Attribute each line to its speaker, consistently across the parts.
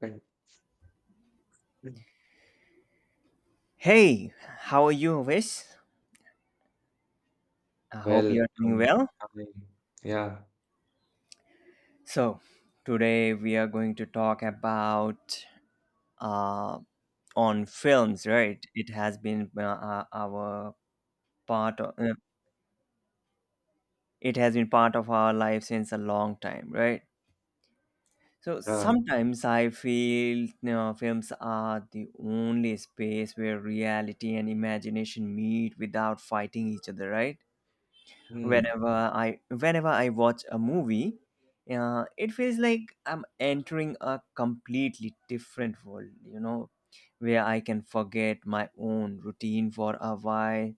Speaker 1: Right. Mm.
Speaker 2: Hey, how are you, Wes? I hope
Speaker 1: Well,
Speaker 2: you're doing
Speaker 1: um,
Speaker 2: well.
Speaker 1: I mean, yeah,
Speaker 2: So, today we are going to talk about uh, on films, right? It has been our part of it has been part of our life since a long time, right? So
Speaker 1: yeah,
Speaker 2: sometimes I feel films are the only space where reality and imagination meet without fighting each other, right?
Speaker 1: mm,
Speaker 2: whenever whenever I watch a movie it feels like I'm entering a completely different world, where I can forget my own routine for a while,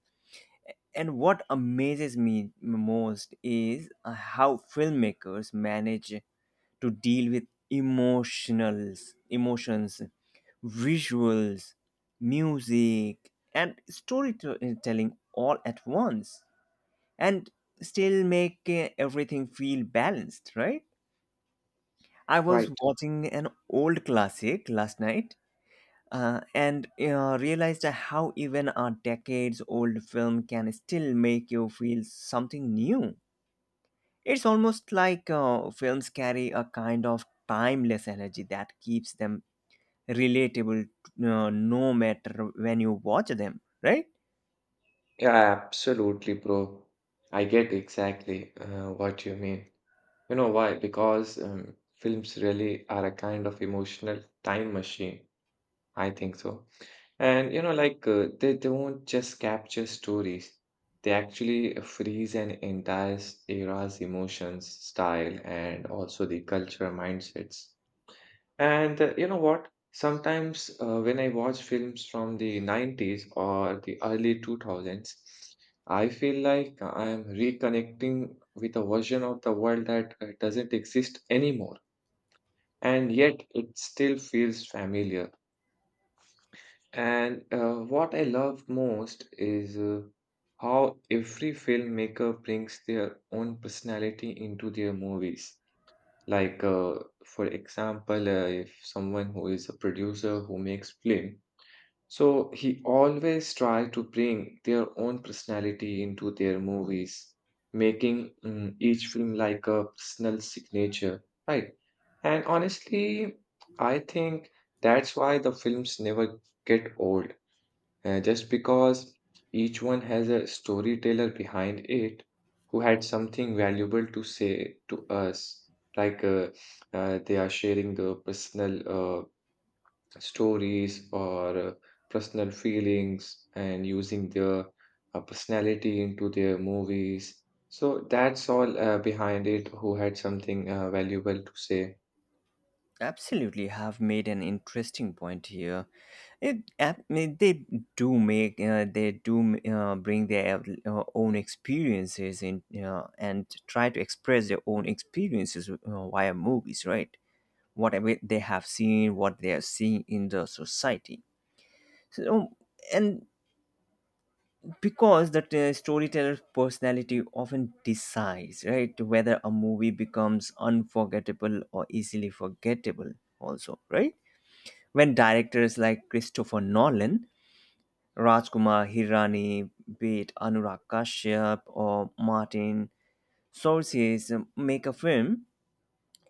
Speaker 2: and what amazes me most is how filmmakers manage to deal with emotionals emotions, visuals, music and storytelling all at once, and still make everything feel balanced, right? I was
Speaker 1: right.
Speaker 2: watching an old classic last night, and realized how even a decades old film can still make you feel something new. It's almost like films carry a kind of timeless energy that keeps them relatable no matter when you watch them, right?
Speaker 1: Yeah, absolutely, bro. I get exactly what you mean. You know why? Because films really are a kind of emotional time machine. I think so. And you know, like they don't just capture stories, they actually freeze an entire era's emotions, style, and also the cultural mindsets. And you know what? Sometimes when I watch films from the 90s or the early 2000s, I feel like I'm reconnecting with a version of the world that doesn't exist anymore. And yet it still feels familiar. And what I love most is how every filmmaker brings their own personality into their movies. Like, uh, for example, if someone who is a producer who makes film, so he always try to bring their own personality into their movies, making each film like a personal signature, right? And honestly, I think that's why the films never get old just because each one has a storyteller behind it who had something valuable to say to us, like uh, they are sharing the personal stories or personal feelings and using their personality into their movies. So that's all behind it, who had something valuable to say.
Speaker 2: Absolutely, have made an interesting point here. I mean, they do make they do bring their own experiences in and try to express their own experiences via movies, right? Whatever they have seen, what they are seeing in the society. So, and because the storyteller's personality often decides, right, whether a movie becomes unforgettable or easily forgettable. Also, right? When directors like Christopher Nolan, Rajkumar Hirani, be it Anurag Kashyap or Martin Scorsese make a film,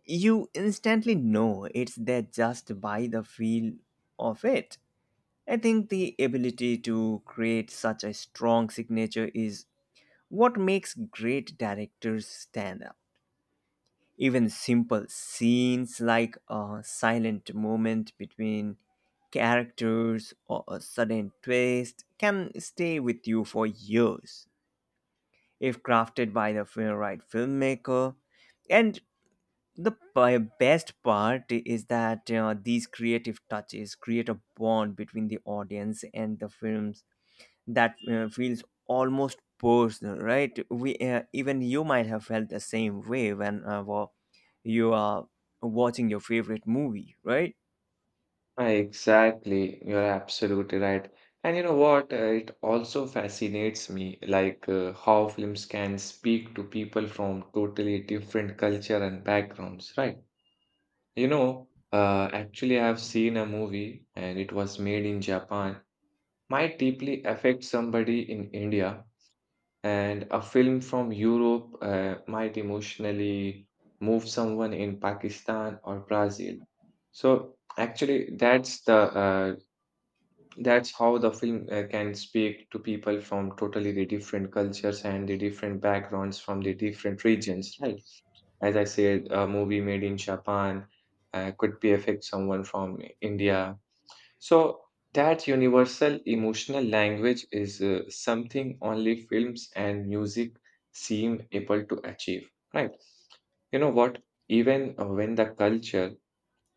Speaker 2: you instantly know it's there just by the feel of it. I think the ability to create such a strong signature is what makes great directors stand out. Even simple scenes like a silent moment between characters or a sudden twist can stay with you for years if crafted by the right filmmaker. And the best part is that these creative touches create a bond between the audience and the film's that feels almost personal, right? We Even you might have felt the same way when you are watching your favorite movie, right?
Speaker 1: Ah, exactly, you're absolutely right. And you know what? It also fascinates me, like how films can speak to people from totally different culture and backgrounds, right? You know, actually, I've seen a movie and it was made in Japan, might deeply affect somebody in India, and a film from Europe might emotionally move someone in Pakistan or Brazil. So actually, that's how the film can speak to people from totally the different cultures and the different backgrounds from the different regions, right? As I said, a movie made in Japan could be affect someone from India. So that universal emotional language is something only films and music seem able to achieve, right? You know what? Even when the culture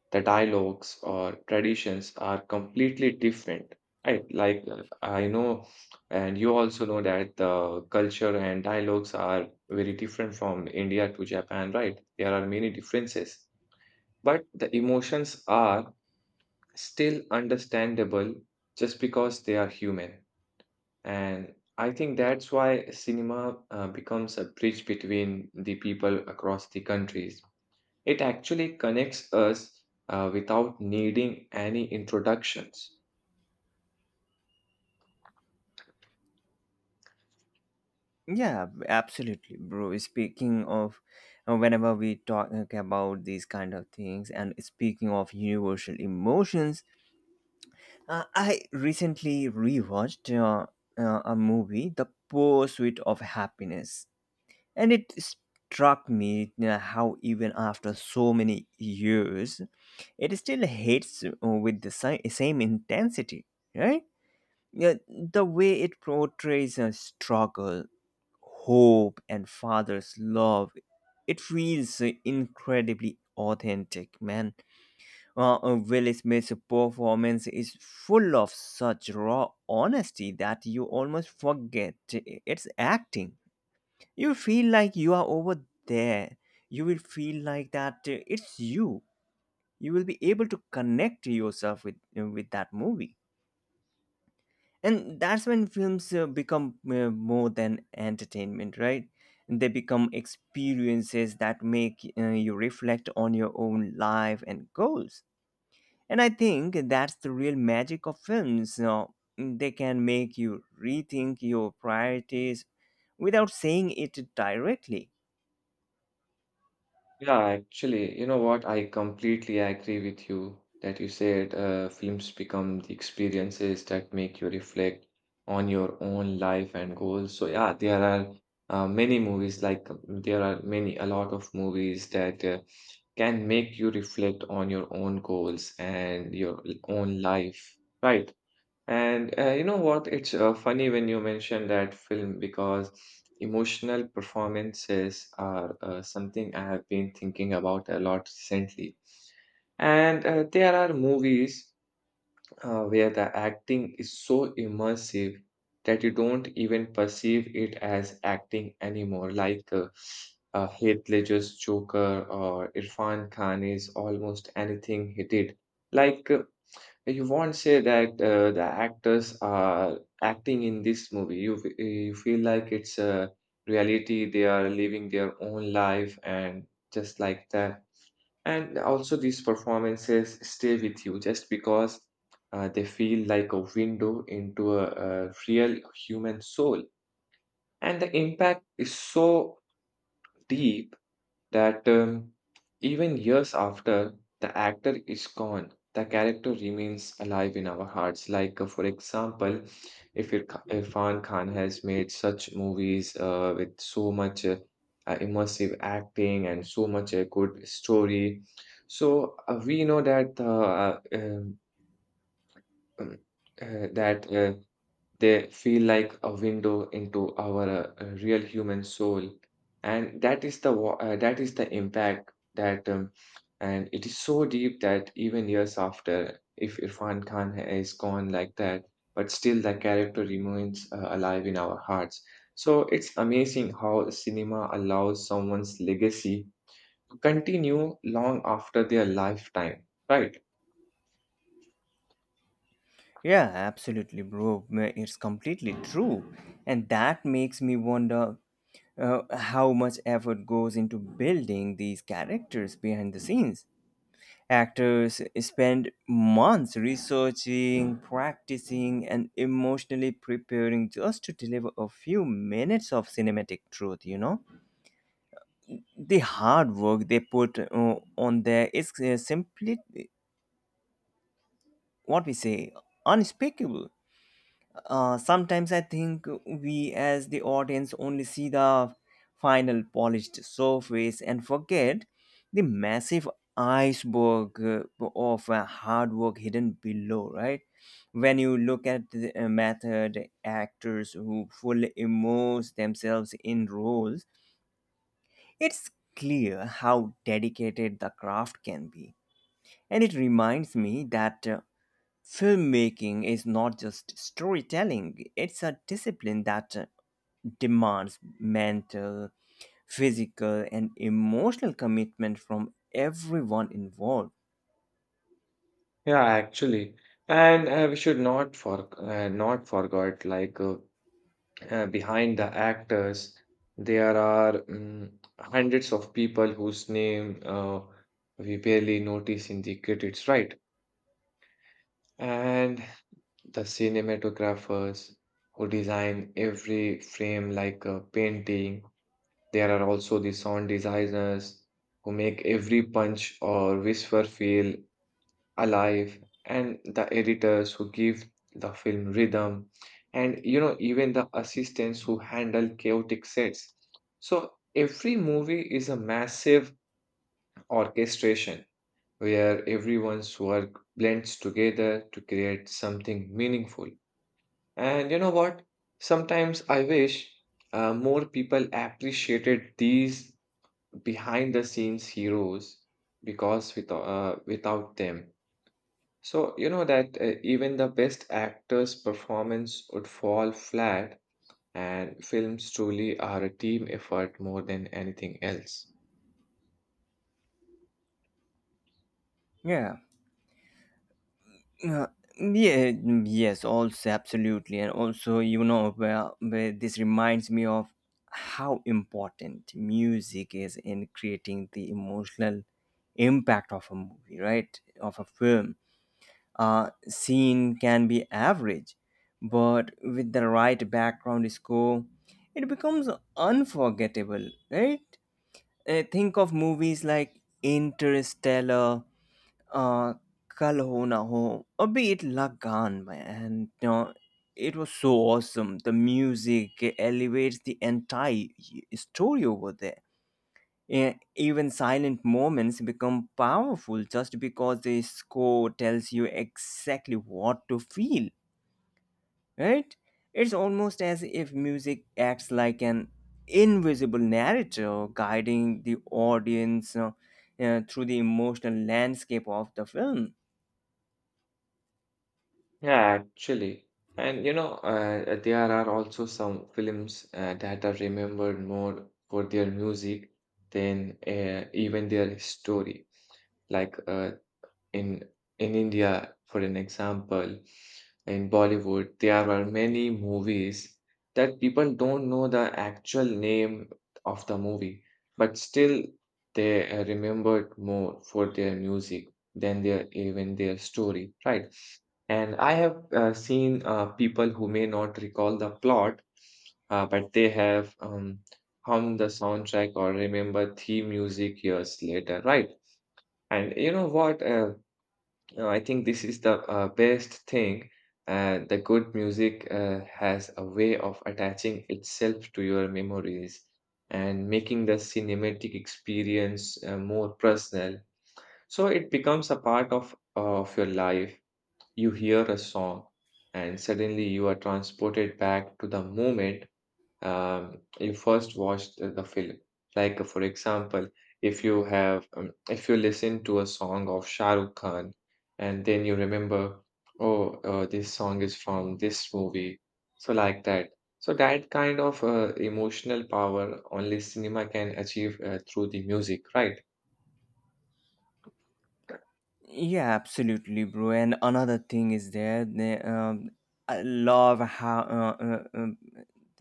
Speaker 1: the dialogues or traditions are completely different, right, I know and you also know that the culture and dialogues are very different from India to Japan, right? There are many differences, but the emotions are still understandable just because they are human. And I think that's why cinema becomes a bridge between the people across the countries. It actually connects us without needing any introductions.
Speaker 2: Yeah, absolutely, bro. Speaking of, whenever we talk about these kind of things, and speaking of universal emotions, I recently rewatched a movie, The Pursuit of Happiness. And it struck me how, even after so many years, it still hits with the same intensity, right? Yeah, the way it portrays a struggle, hope, and father's love, it feels incredibly authentic, man. Will Smith's performance is full of such raw honesty that you almost forget it's acting. You feel like you are over there. You will feel like that it's you. You will be able to connect yourself with that movie. And that's when films become more than entertainment, right? They become experiences that make you reflect on your own life and goals. And I think that's the real magic of films. You know, they can make you rethink your priorities without saying it directly.
Speaker 1: Yeah, actually, you know what? I completely agree with you that you said films become the experiences that make you reflect on your own life and goals. So, yeah, there are many movies, there are many, a lot of movies that can make you reflect on your own goals and your own life, right? And you know what? It's funny when you mention that film because emotional performances are something I have been thinking about a lot recently. And there are movies where the acting is so immersive that you don't even perceive it as acting anymore, Heath Ledger's Joker or Irfan Khan is almost anything he did. Like uh, you won't say that the actors are acting in this movie. You feel like it's a reality. They are living their own life and just like that. And also, these performances stay with you just because they feel like a window into a real human soul. And the impact is so deep that even years after the actor is gone, the character remains alive in our hearts. Like, for example, if Ir- Irfan Khan has made such movies with so much immersive acting and so much a good story, so we know that um, uh, that. Uh, they feel like a window into our real human soul, and that is that is the impact that, and it is so deep that even years after, if Irfan Khan is gone like that, but still the character remains alive in our hearts. So it's amazing how cinema allows someone's legacy to continue long after their lifetime, right?
Speaker 2: Yeah, absolutely, bro. It's completely true. And that makes me wonder uh, how much effort goes into building these characters behind the scenes. Actors spend months researching, practicing, and emotionally preparing just to deliver a few minutes of cinematic truth, you know? The hard work they put on there is simply what we say unspeakable. Sometimes I think we, as the audience, only see the final polished surface and forget the massive iceberg of hard work hidden below, right? When you look at the method actors who fully immerse themselves in roles, it's clear how dedicated the craft can be. And it reminds me that filmmaking is not just storytelling, it's a discipline that demands mental, physical, and emotional commitment from everyone involved.
Speaker 1: Yeah, actually. And we should not forget behind the actors, there are hundreds of people whose name we barely notice in the credits, right? And the cinematographers who design every frame like a painting. There are also the sound designers who make every punch or whisper feel alive, and the editors who give the film rhythm, and you know, even the assistants who handle chaotic sets. So every movie is a massive orchestration where everyone's work blends together to create something meaningful. And you know what, sometimes I wish more people appreciated these behind the scenes heroes, because without them, so, you know that even the best actor's performance would fall flat, and films truly are a team effort more than anything else.
Speaker 2: Yeah. Uh, yeah, yes, also absolutely. And also, you know, where this reminds me of how important music is in creating the emotional impact of a movie, right? Of a film scene can be average, but with the right background score, it becomes unforgettable, right? Think of movies like Interstellar, uh, Kal Ho Na Ho, or be it Lagan, and you know, it was so awesome. The music elevates the entire story over there. Even silent moments become powerful just because the score tells you exactly what to feel, right? It's almost as if music acts like an invisible narrator guiding the audience through the emotional landscape of the film.
Speaker 1: Yeah, actually. And you know, there are also some films that are remembered more for their music than even their story. Like uh, in in India, for an example, in Bollywood, there are many movies that people don't know the actual name of the movie, but still they are remembered more for their music than their even their story, right? And I have seen people who may not recall the plot, but they have hummed the soundtrack or remember theme music years later, right? And you know what? No, I think this is the best thing. The good music has a way of attaching itself to your memories and making the cinematic experience more personal. So it becomes a part of your life. You hear a song, and suddenly you are transported back to the moment you first watched the film. Like, for example, if you have, if you listen to a song of Shah Rukh Khan, and then you remember, oh, this song is from this movie. So, like that. So, that kind of emotional power only cinema can achieve through the music, right?
Speaker 2: Yeah, absolutely, bro. And another thing is there. I love how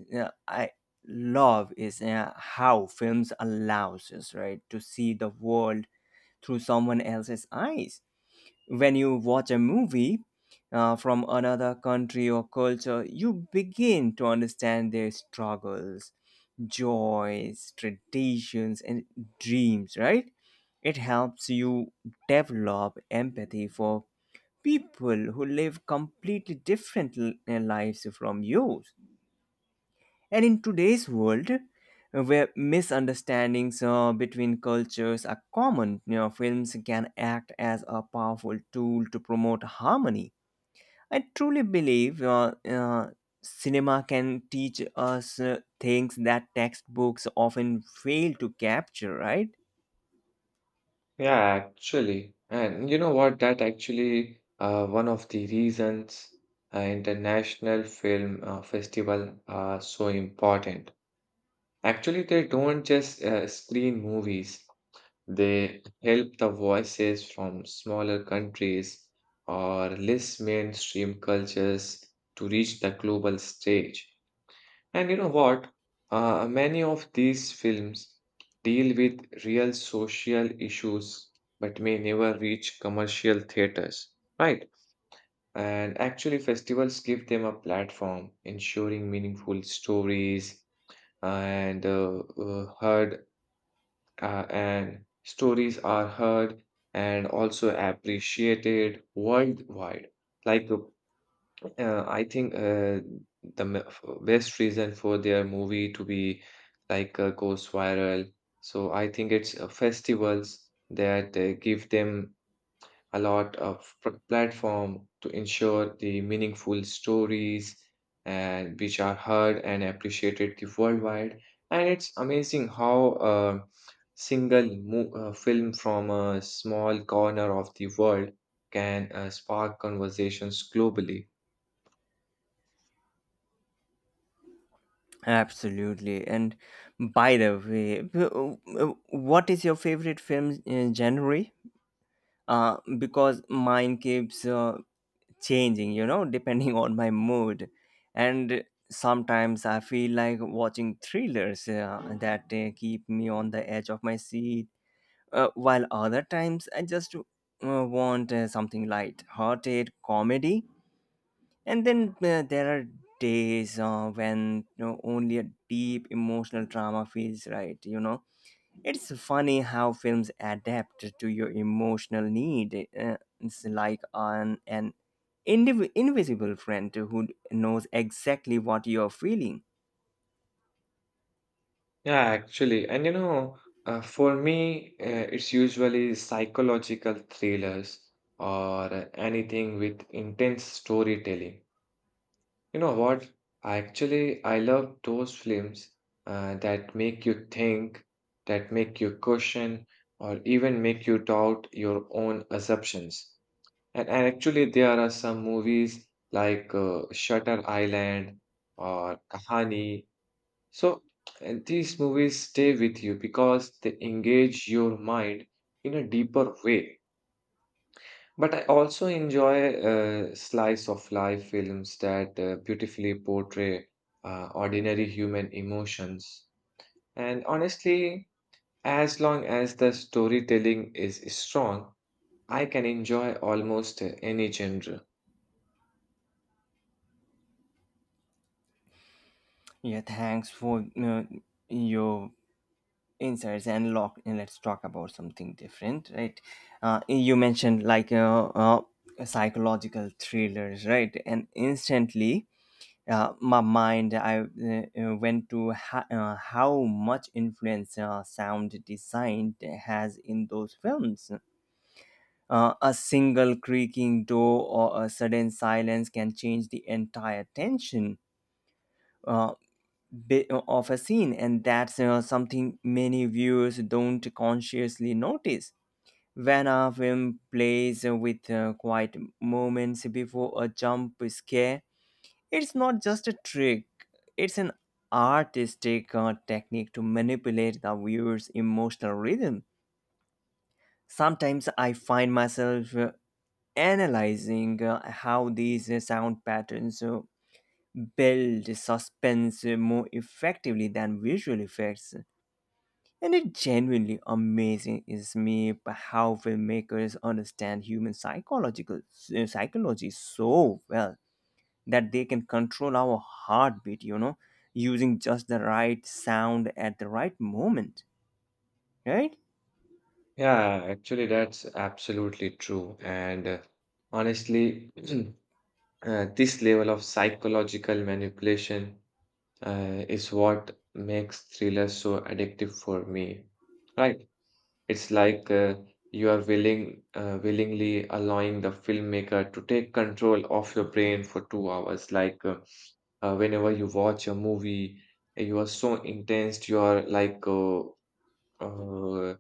Speaker 2: yeah, I love is how films allows us right to see the world through someone else's eyes. When you watch a movie from another country or culture, you begin to understand their struggles, joys, traditions, and dreams, right? It helps you develop empathy for people who live completely different lives from yours. And in today's world, where misunderstandings between cultures are common, you know, films can act as a powerful tool to promote harmony. I truly believe cinema can teach us things that textbooks often fail to capture, right?
Speaker 1: Yeah, actually. And you know what? That actually one of the reasons international film festival are so important. Actually, they don't just screen movies, they help the voices from smaller countries or less mainstream cultures to reach the global stage. And you know what? Many of these films deal with real social issues but may never reach commercial theaters, right? And actually, festivals give them a platform, ensuring meaningful stories and uh, uh, heard and stories are heard and also appreciated worldwide. Like, I think best reason for their movie to be goes viral. So I think it's festivals that give them a lot of platform to ensure the meaningful stories and which are heard and appreciated the worldwide. And it's amazing how a film from a small corner of the world can spark conversations globally.
Speaker 2: Absolutely. And by the way, what is your favorite film genre? Because mine keeps changing, you know, depending on my mood. And sometimes I feel like watching thrillers that keep me on the edge of my seat, while other times I just want something light-hearted comedy. And then there are days when you know, only a deep emotional drama feels right, you know it's funny how films adapt to your emotional need. It's like on an invisible friend who knows exactly what you're feeling.
Speaker 1: Yeah, actually. And you know, for me it's usually psychological thrillers or anything with intense storytelling. You know what? Actually, I love those films that make you think, that make you question, or even make you doubt your own assumptions. And actually, there are some movies Shutter Island or Kahani. So, and these movies stay with you because they engage your mind in a deeper way. But I also enjoy slice of life films that beautifully portray ordinary human emotions. And honestly, as long as the storytelling is strong, I can enjoy almost any genre.
Speaker 2: Yeah, thanks for your insights and lock. And let's talk about something different, right? You mentioned like psychological thrillers, right? And instantly my mind I went to how much influence sound design has in those films. A single creaking door or a sudden silence can change the entire tension uh, of a scene, and that's something many viewers don't consciously notice. When a film plays with quiet moments before a jump scare, it's not just a trick, it's an artistic technique to manipulate the viewer's emotional rhythm. Sometimes I find myself analyzing how these sound patterns build suspense more effectively than visual effects. And it genuinely amazing is me how filmmakers understand human psychological psychology so well that they can control our heartbeat, you know, using just the right sound at the right moment, right?
Speaker 1: Yeah, actually, that's absolutely true. And honestly, this level of psychological manipulation is what makes thrillers so addictive for me. Right. It's like willingly allowing the filmmaker to take control of your brain for 2 hours. Whenever you watch a movie, you are so intense, you are uh,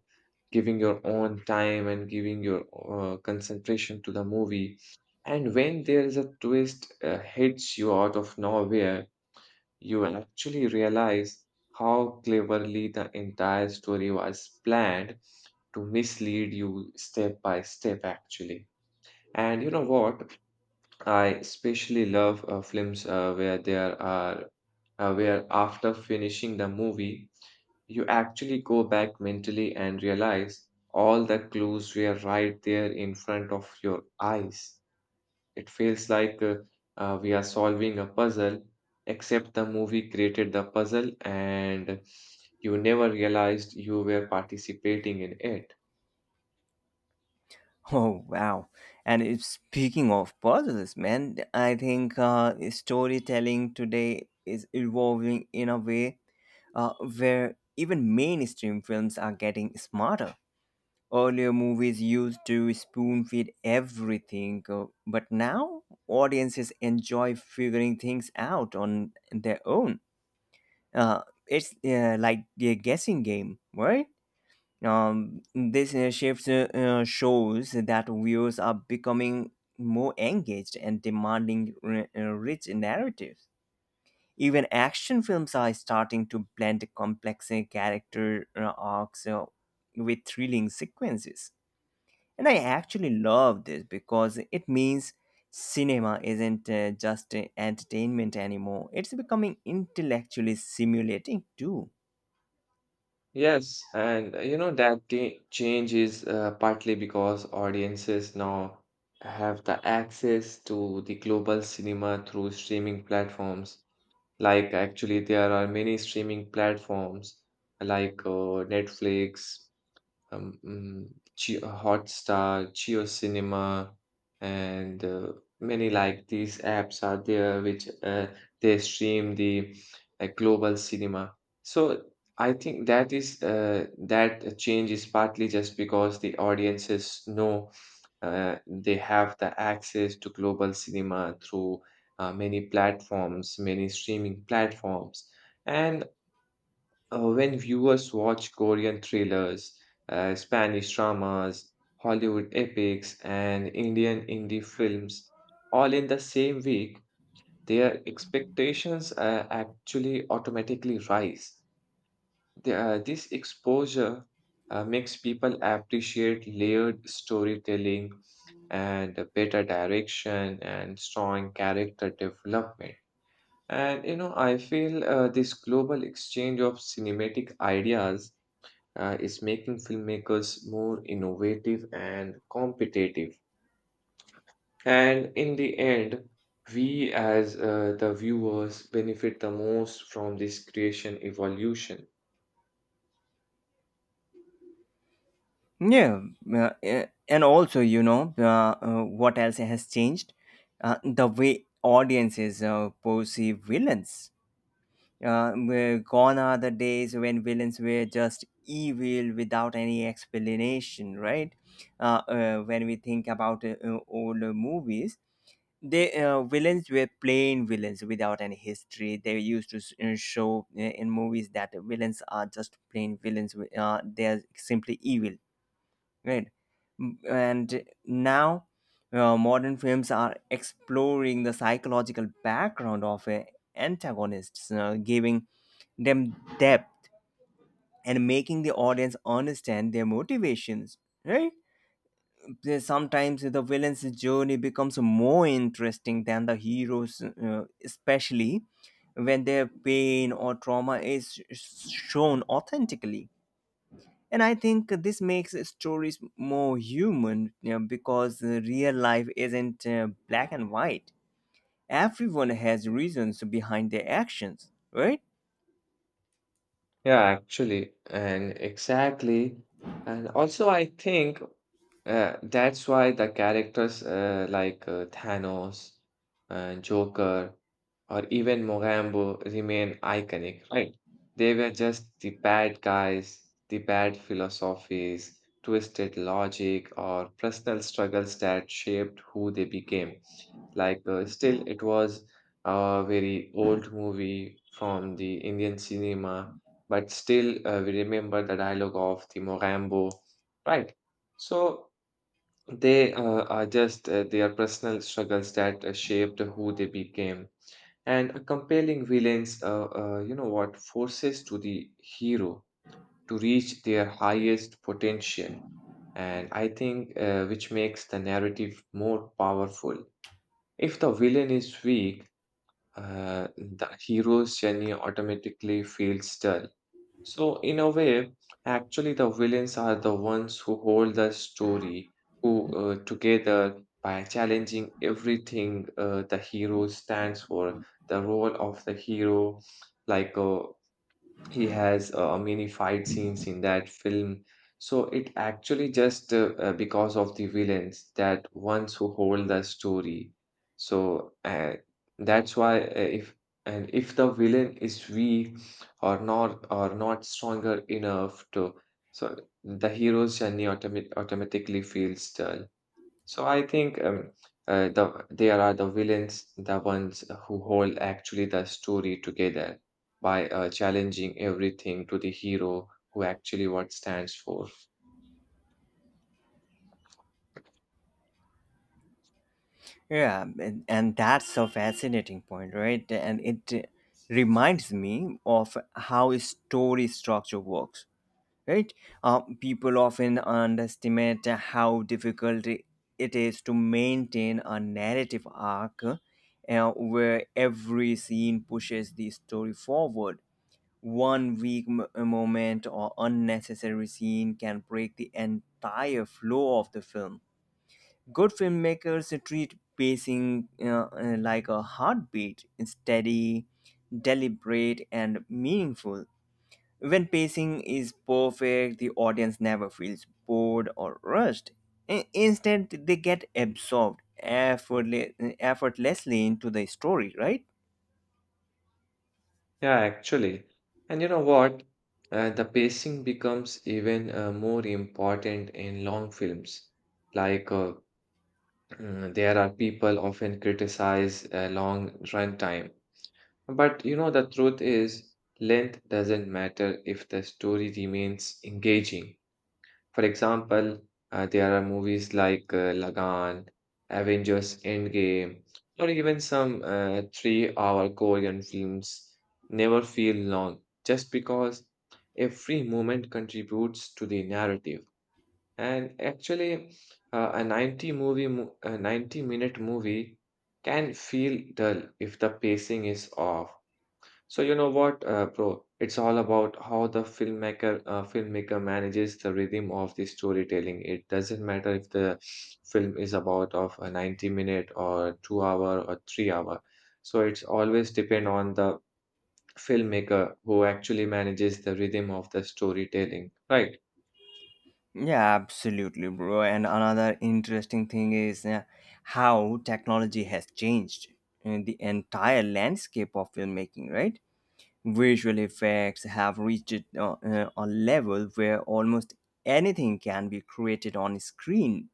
Speaker 1: giving your own time and giving your concentration to the movie. And when there is a twist hits you out of nowhere, you will actually realize how cleverly the entire story was planned to mislead you step by step, actually. And you know what? I especially love films where after finishing the movie, you actually go back mentally and realize all the clues were right there in front of your eyes. It feels like we are solving a puzzle, except the movie created the puzzle and you never realized you were participating in it.
Speaker 2: Oh, wow. And if speaking of puzzles, man, I think storytelling today is evolving in a way uh, where even mainstream films are getting smarter. Earlier movies used to spoon feed everything, but now audiences enjoy figuring things out on their own. uh, it's like a guessing game, right? This shift shows that viewers are becoming more engaged and demanding rich narratives. Even action films are starting to blend complex character arcs with thrilling sequences. And I actually love this because it means cinema isn't just entertainment anymore, it's becoming intellectually stimulating too.
Speaker 1: Yes, and that change is partly because audiences now have the access to the global cinema through streaming platforms. There are many streaming platforms like Netflix, um, mm, Jio- Hotstar, Geo Cinema, and many like these apps are there which they stream the global cinema. So I think that change is partly just because the audiences know they have the access to global cinema through many platforms, many streaming platforms. And when viewers watch Korean thrillers, Spanish dramas, Hollywood epics, and Indian indie films all in the same week, their expectations actually automatically rise. This exposure makes people appreciate layered storytelling and better direction and strong character development. And you know, I feel this global exchange of cinematic ideas is making filmmakers more innovative and competitive. And in the end, we as the viewers benefit the most from this creation evolution.
Speaker 2: Yeah, and also, you know, what else has changed? The way audiences perceive villains. Where gone are the days when villains were just evil without any explanation, right? When we think about older movies, the villains were plain villains without any history. They used to show in movies that villains are just plain villains, they're simply evil, right. And now modern films are exploring the psychological background of antagonists, giving them depth and making the audience understand their motivations, right. There- sometimes the villain's journey becomes more interesting than the hero's, especially when their pain or trauma is shown authentically, and I think this makes stories more human, you know, because real life isn't black and white. Everyone has reasons behind their actions, right?
Speaker 1: Yeah, actually, and exactly. And also, I think that's why the characters like Thanos and Joker or even Mogambo remain iconic, right? They were just the bad guys, the bad philosophies, twisted logic, or personal struggles that shaped who they became. Like, still, it was a very old movie from the Indian cinema, but still, we remember the dialogue of the Mogambo, right? So they are just their personal struggles that shaped who they became. And a compelling villains, you know what, forces to the hero to reach their highest potential. And I think which makes the narrative more powerful. If the villain is weak, the hero's journey automatically feels dull. So, in a way, actually, the villains are the ones who hold the story who together by challenging everything the hero stands for. The role of the hero, like he has many fight scenes in that film, so it actually just because of the villains that ones who hold the story, so that's why if if the villain is weak or not stronger enough to, so the hero's journey automatically feels dull. So I think there are the villains, the ones who hold actually the story together by challenging everything to the hero who actually what stands for.
Speaker 2: Yeah, and that's a fascinating point, right, and it reminds me of how a story structure works, right? People often underestimate how difficult it is to maintain a narrative arc where every scene pushes the story forward. One weak moment or unnecessary scene can break the entire flow of the film. Good filmmakers treat pacing like a heartbeat, steady, deliberate, and meaningful. When pacing is perfect, the audience never feels bored or rushed. Instead, they get absorbed effortlessly into the story, right?
Speaker 1: Yeah, actually. And you know what? The pacing becomes even more important in long films. Like, there are people often criticize long runtime, but you know, the truth is, length doesn't matter if the story remains engaging. For example, there are movies like Lagan, Avengers Endgame, or even some 3-hour Korean films never feel long just because every moment contributes to the narrative. And actually, a 90-minute movie can feel dull if the pacing is off. So you know what, bro? It's all about how the filmmaker manages the rhythm of the storytelling. It doesn't matter if the film is about of a 90 minute or 2 hour or 3 hour. So it's always depend on the filmmaker who actually manages the rhythm of the storytelling. Right.
Speaker 2: Yeah, absolutely, bro. And another interesting thing is how technology has changed the entire landscape of filmmaking, right? Visual effects have reached a level where almost anything can be created on screen,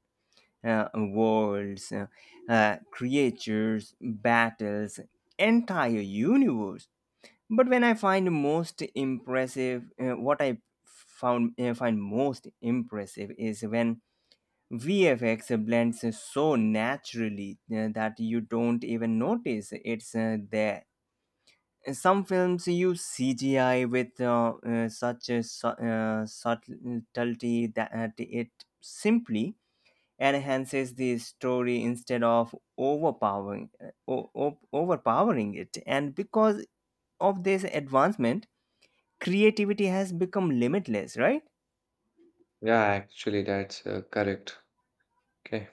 Speaker 2: worlds, creatures, battles, entire universe. But when I find most impressive, what I found find most impressive is when VFX blends so naturally that you don't even notice it's there. Some films use CGI with such a subtlety that it simply enhances the story instead of overpowering it, and because of this advancement creativity has become limitless, right?
Speaker 1: Yeah, actually that's correct. Okay.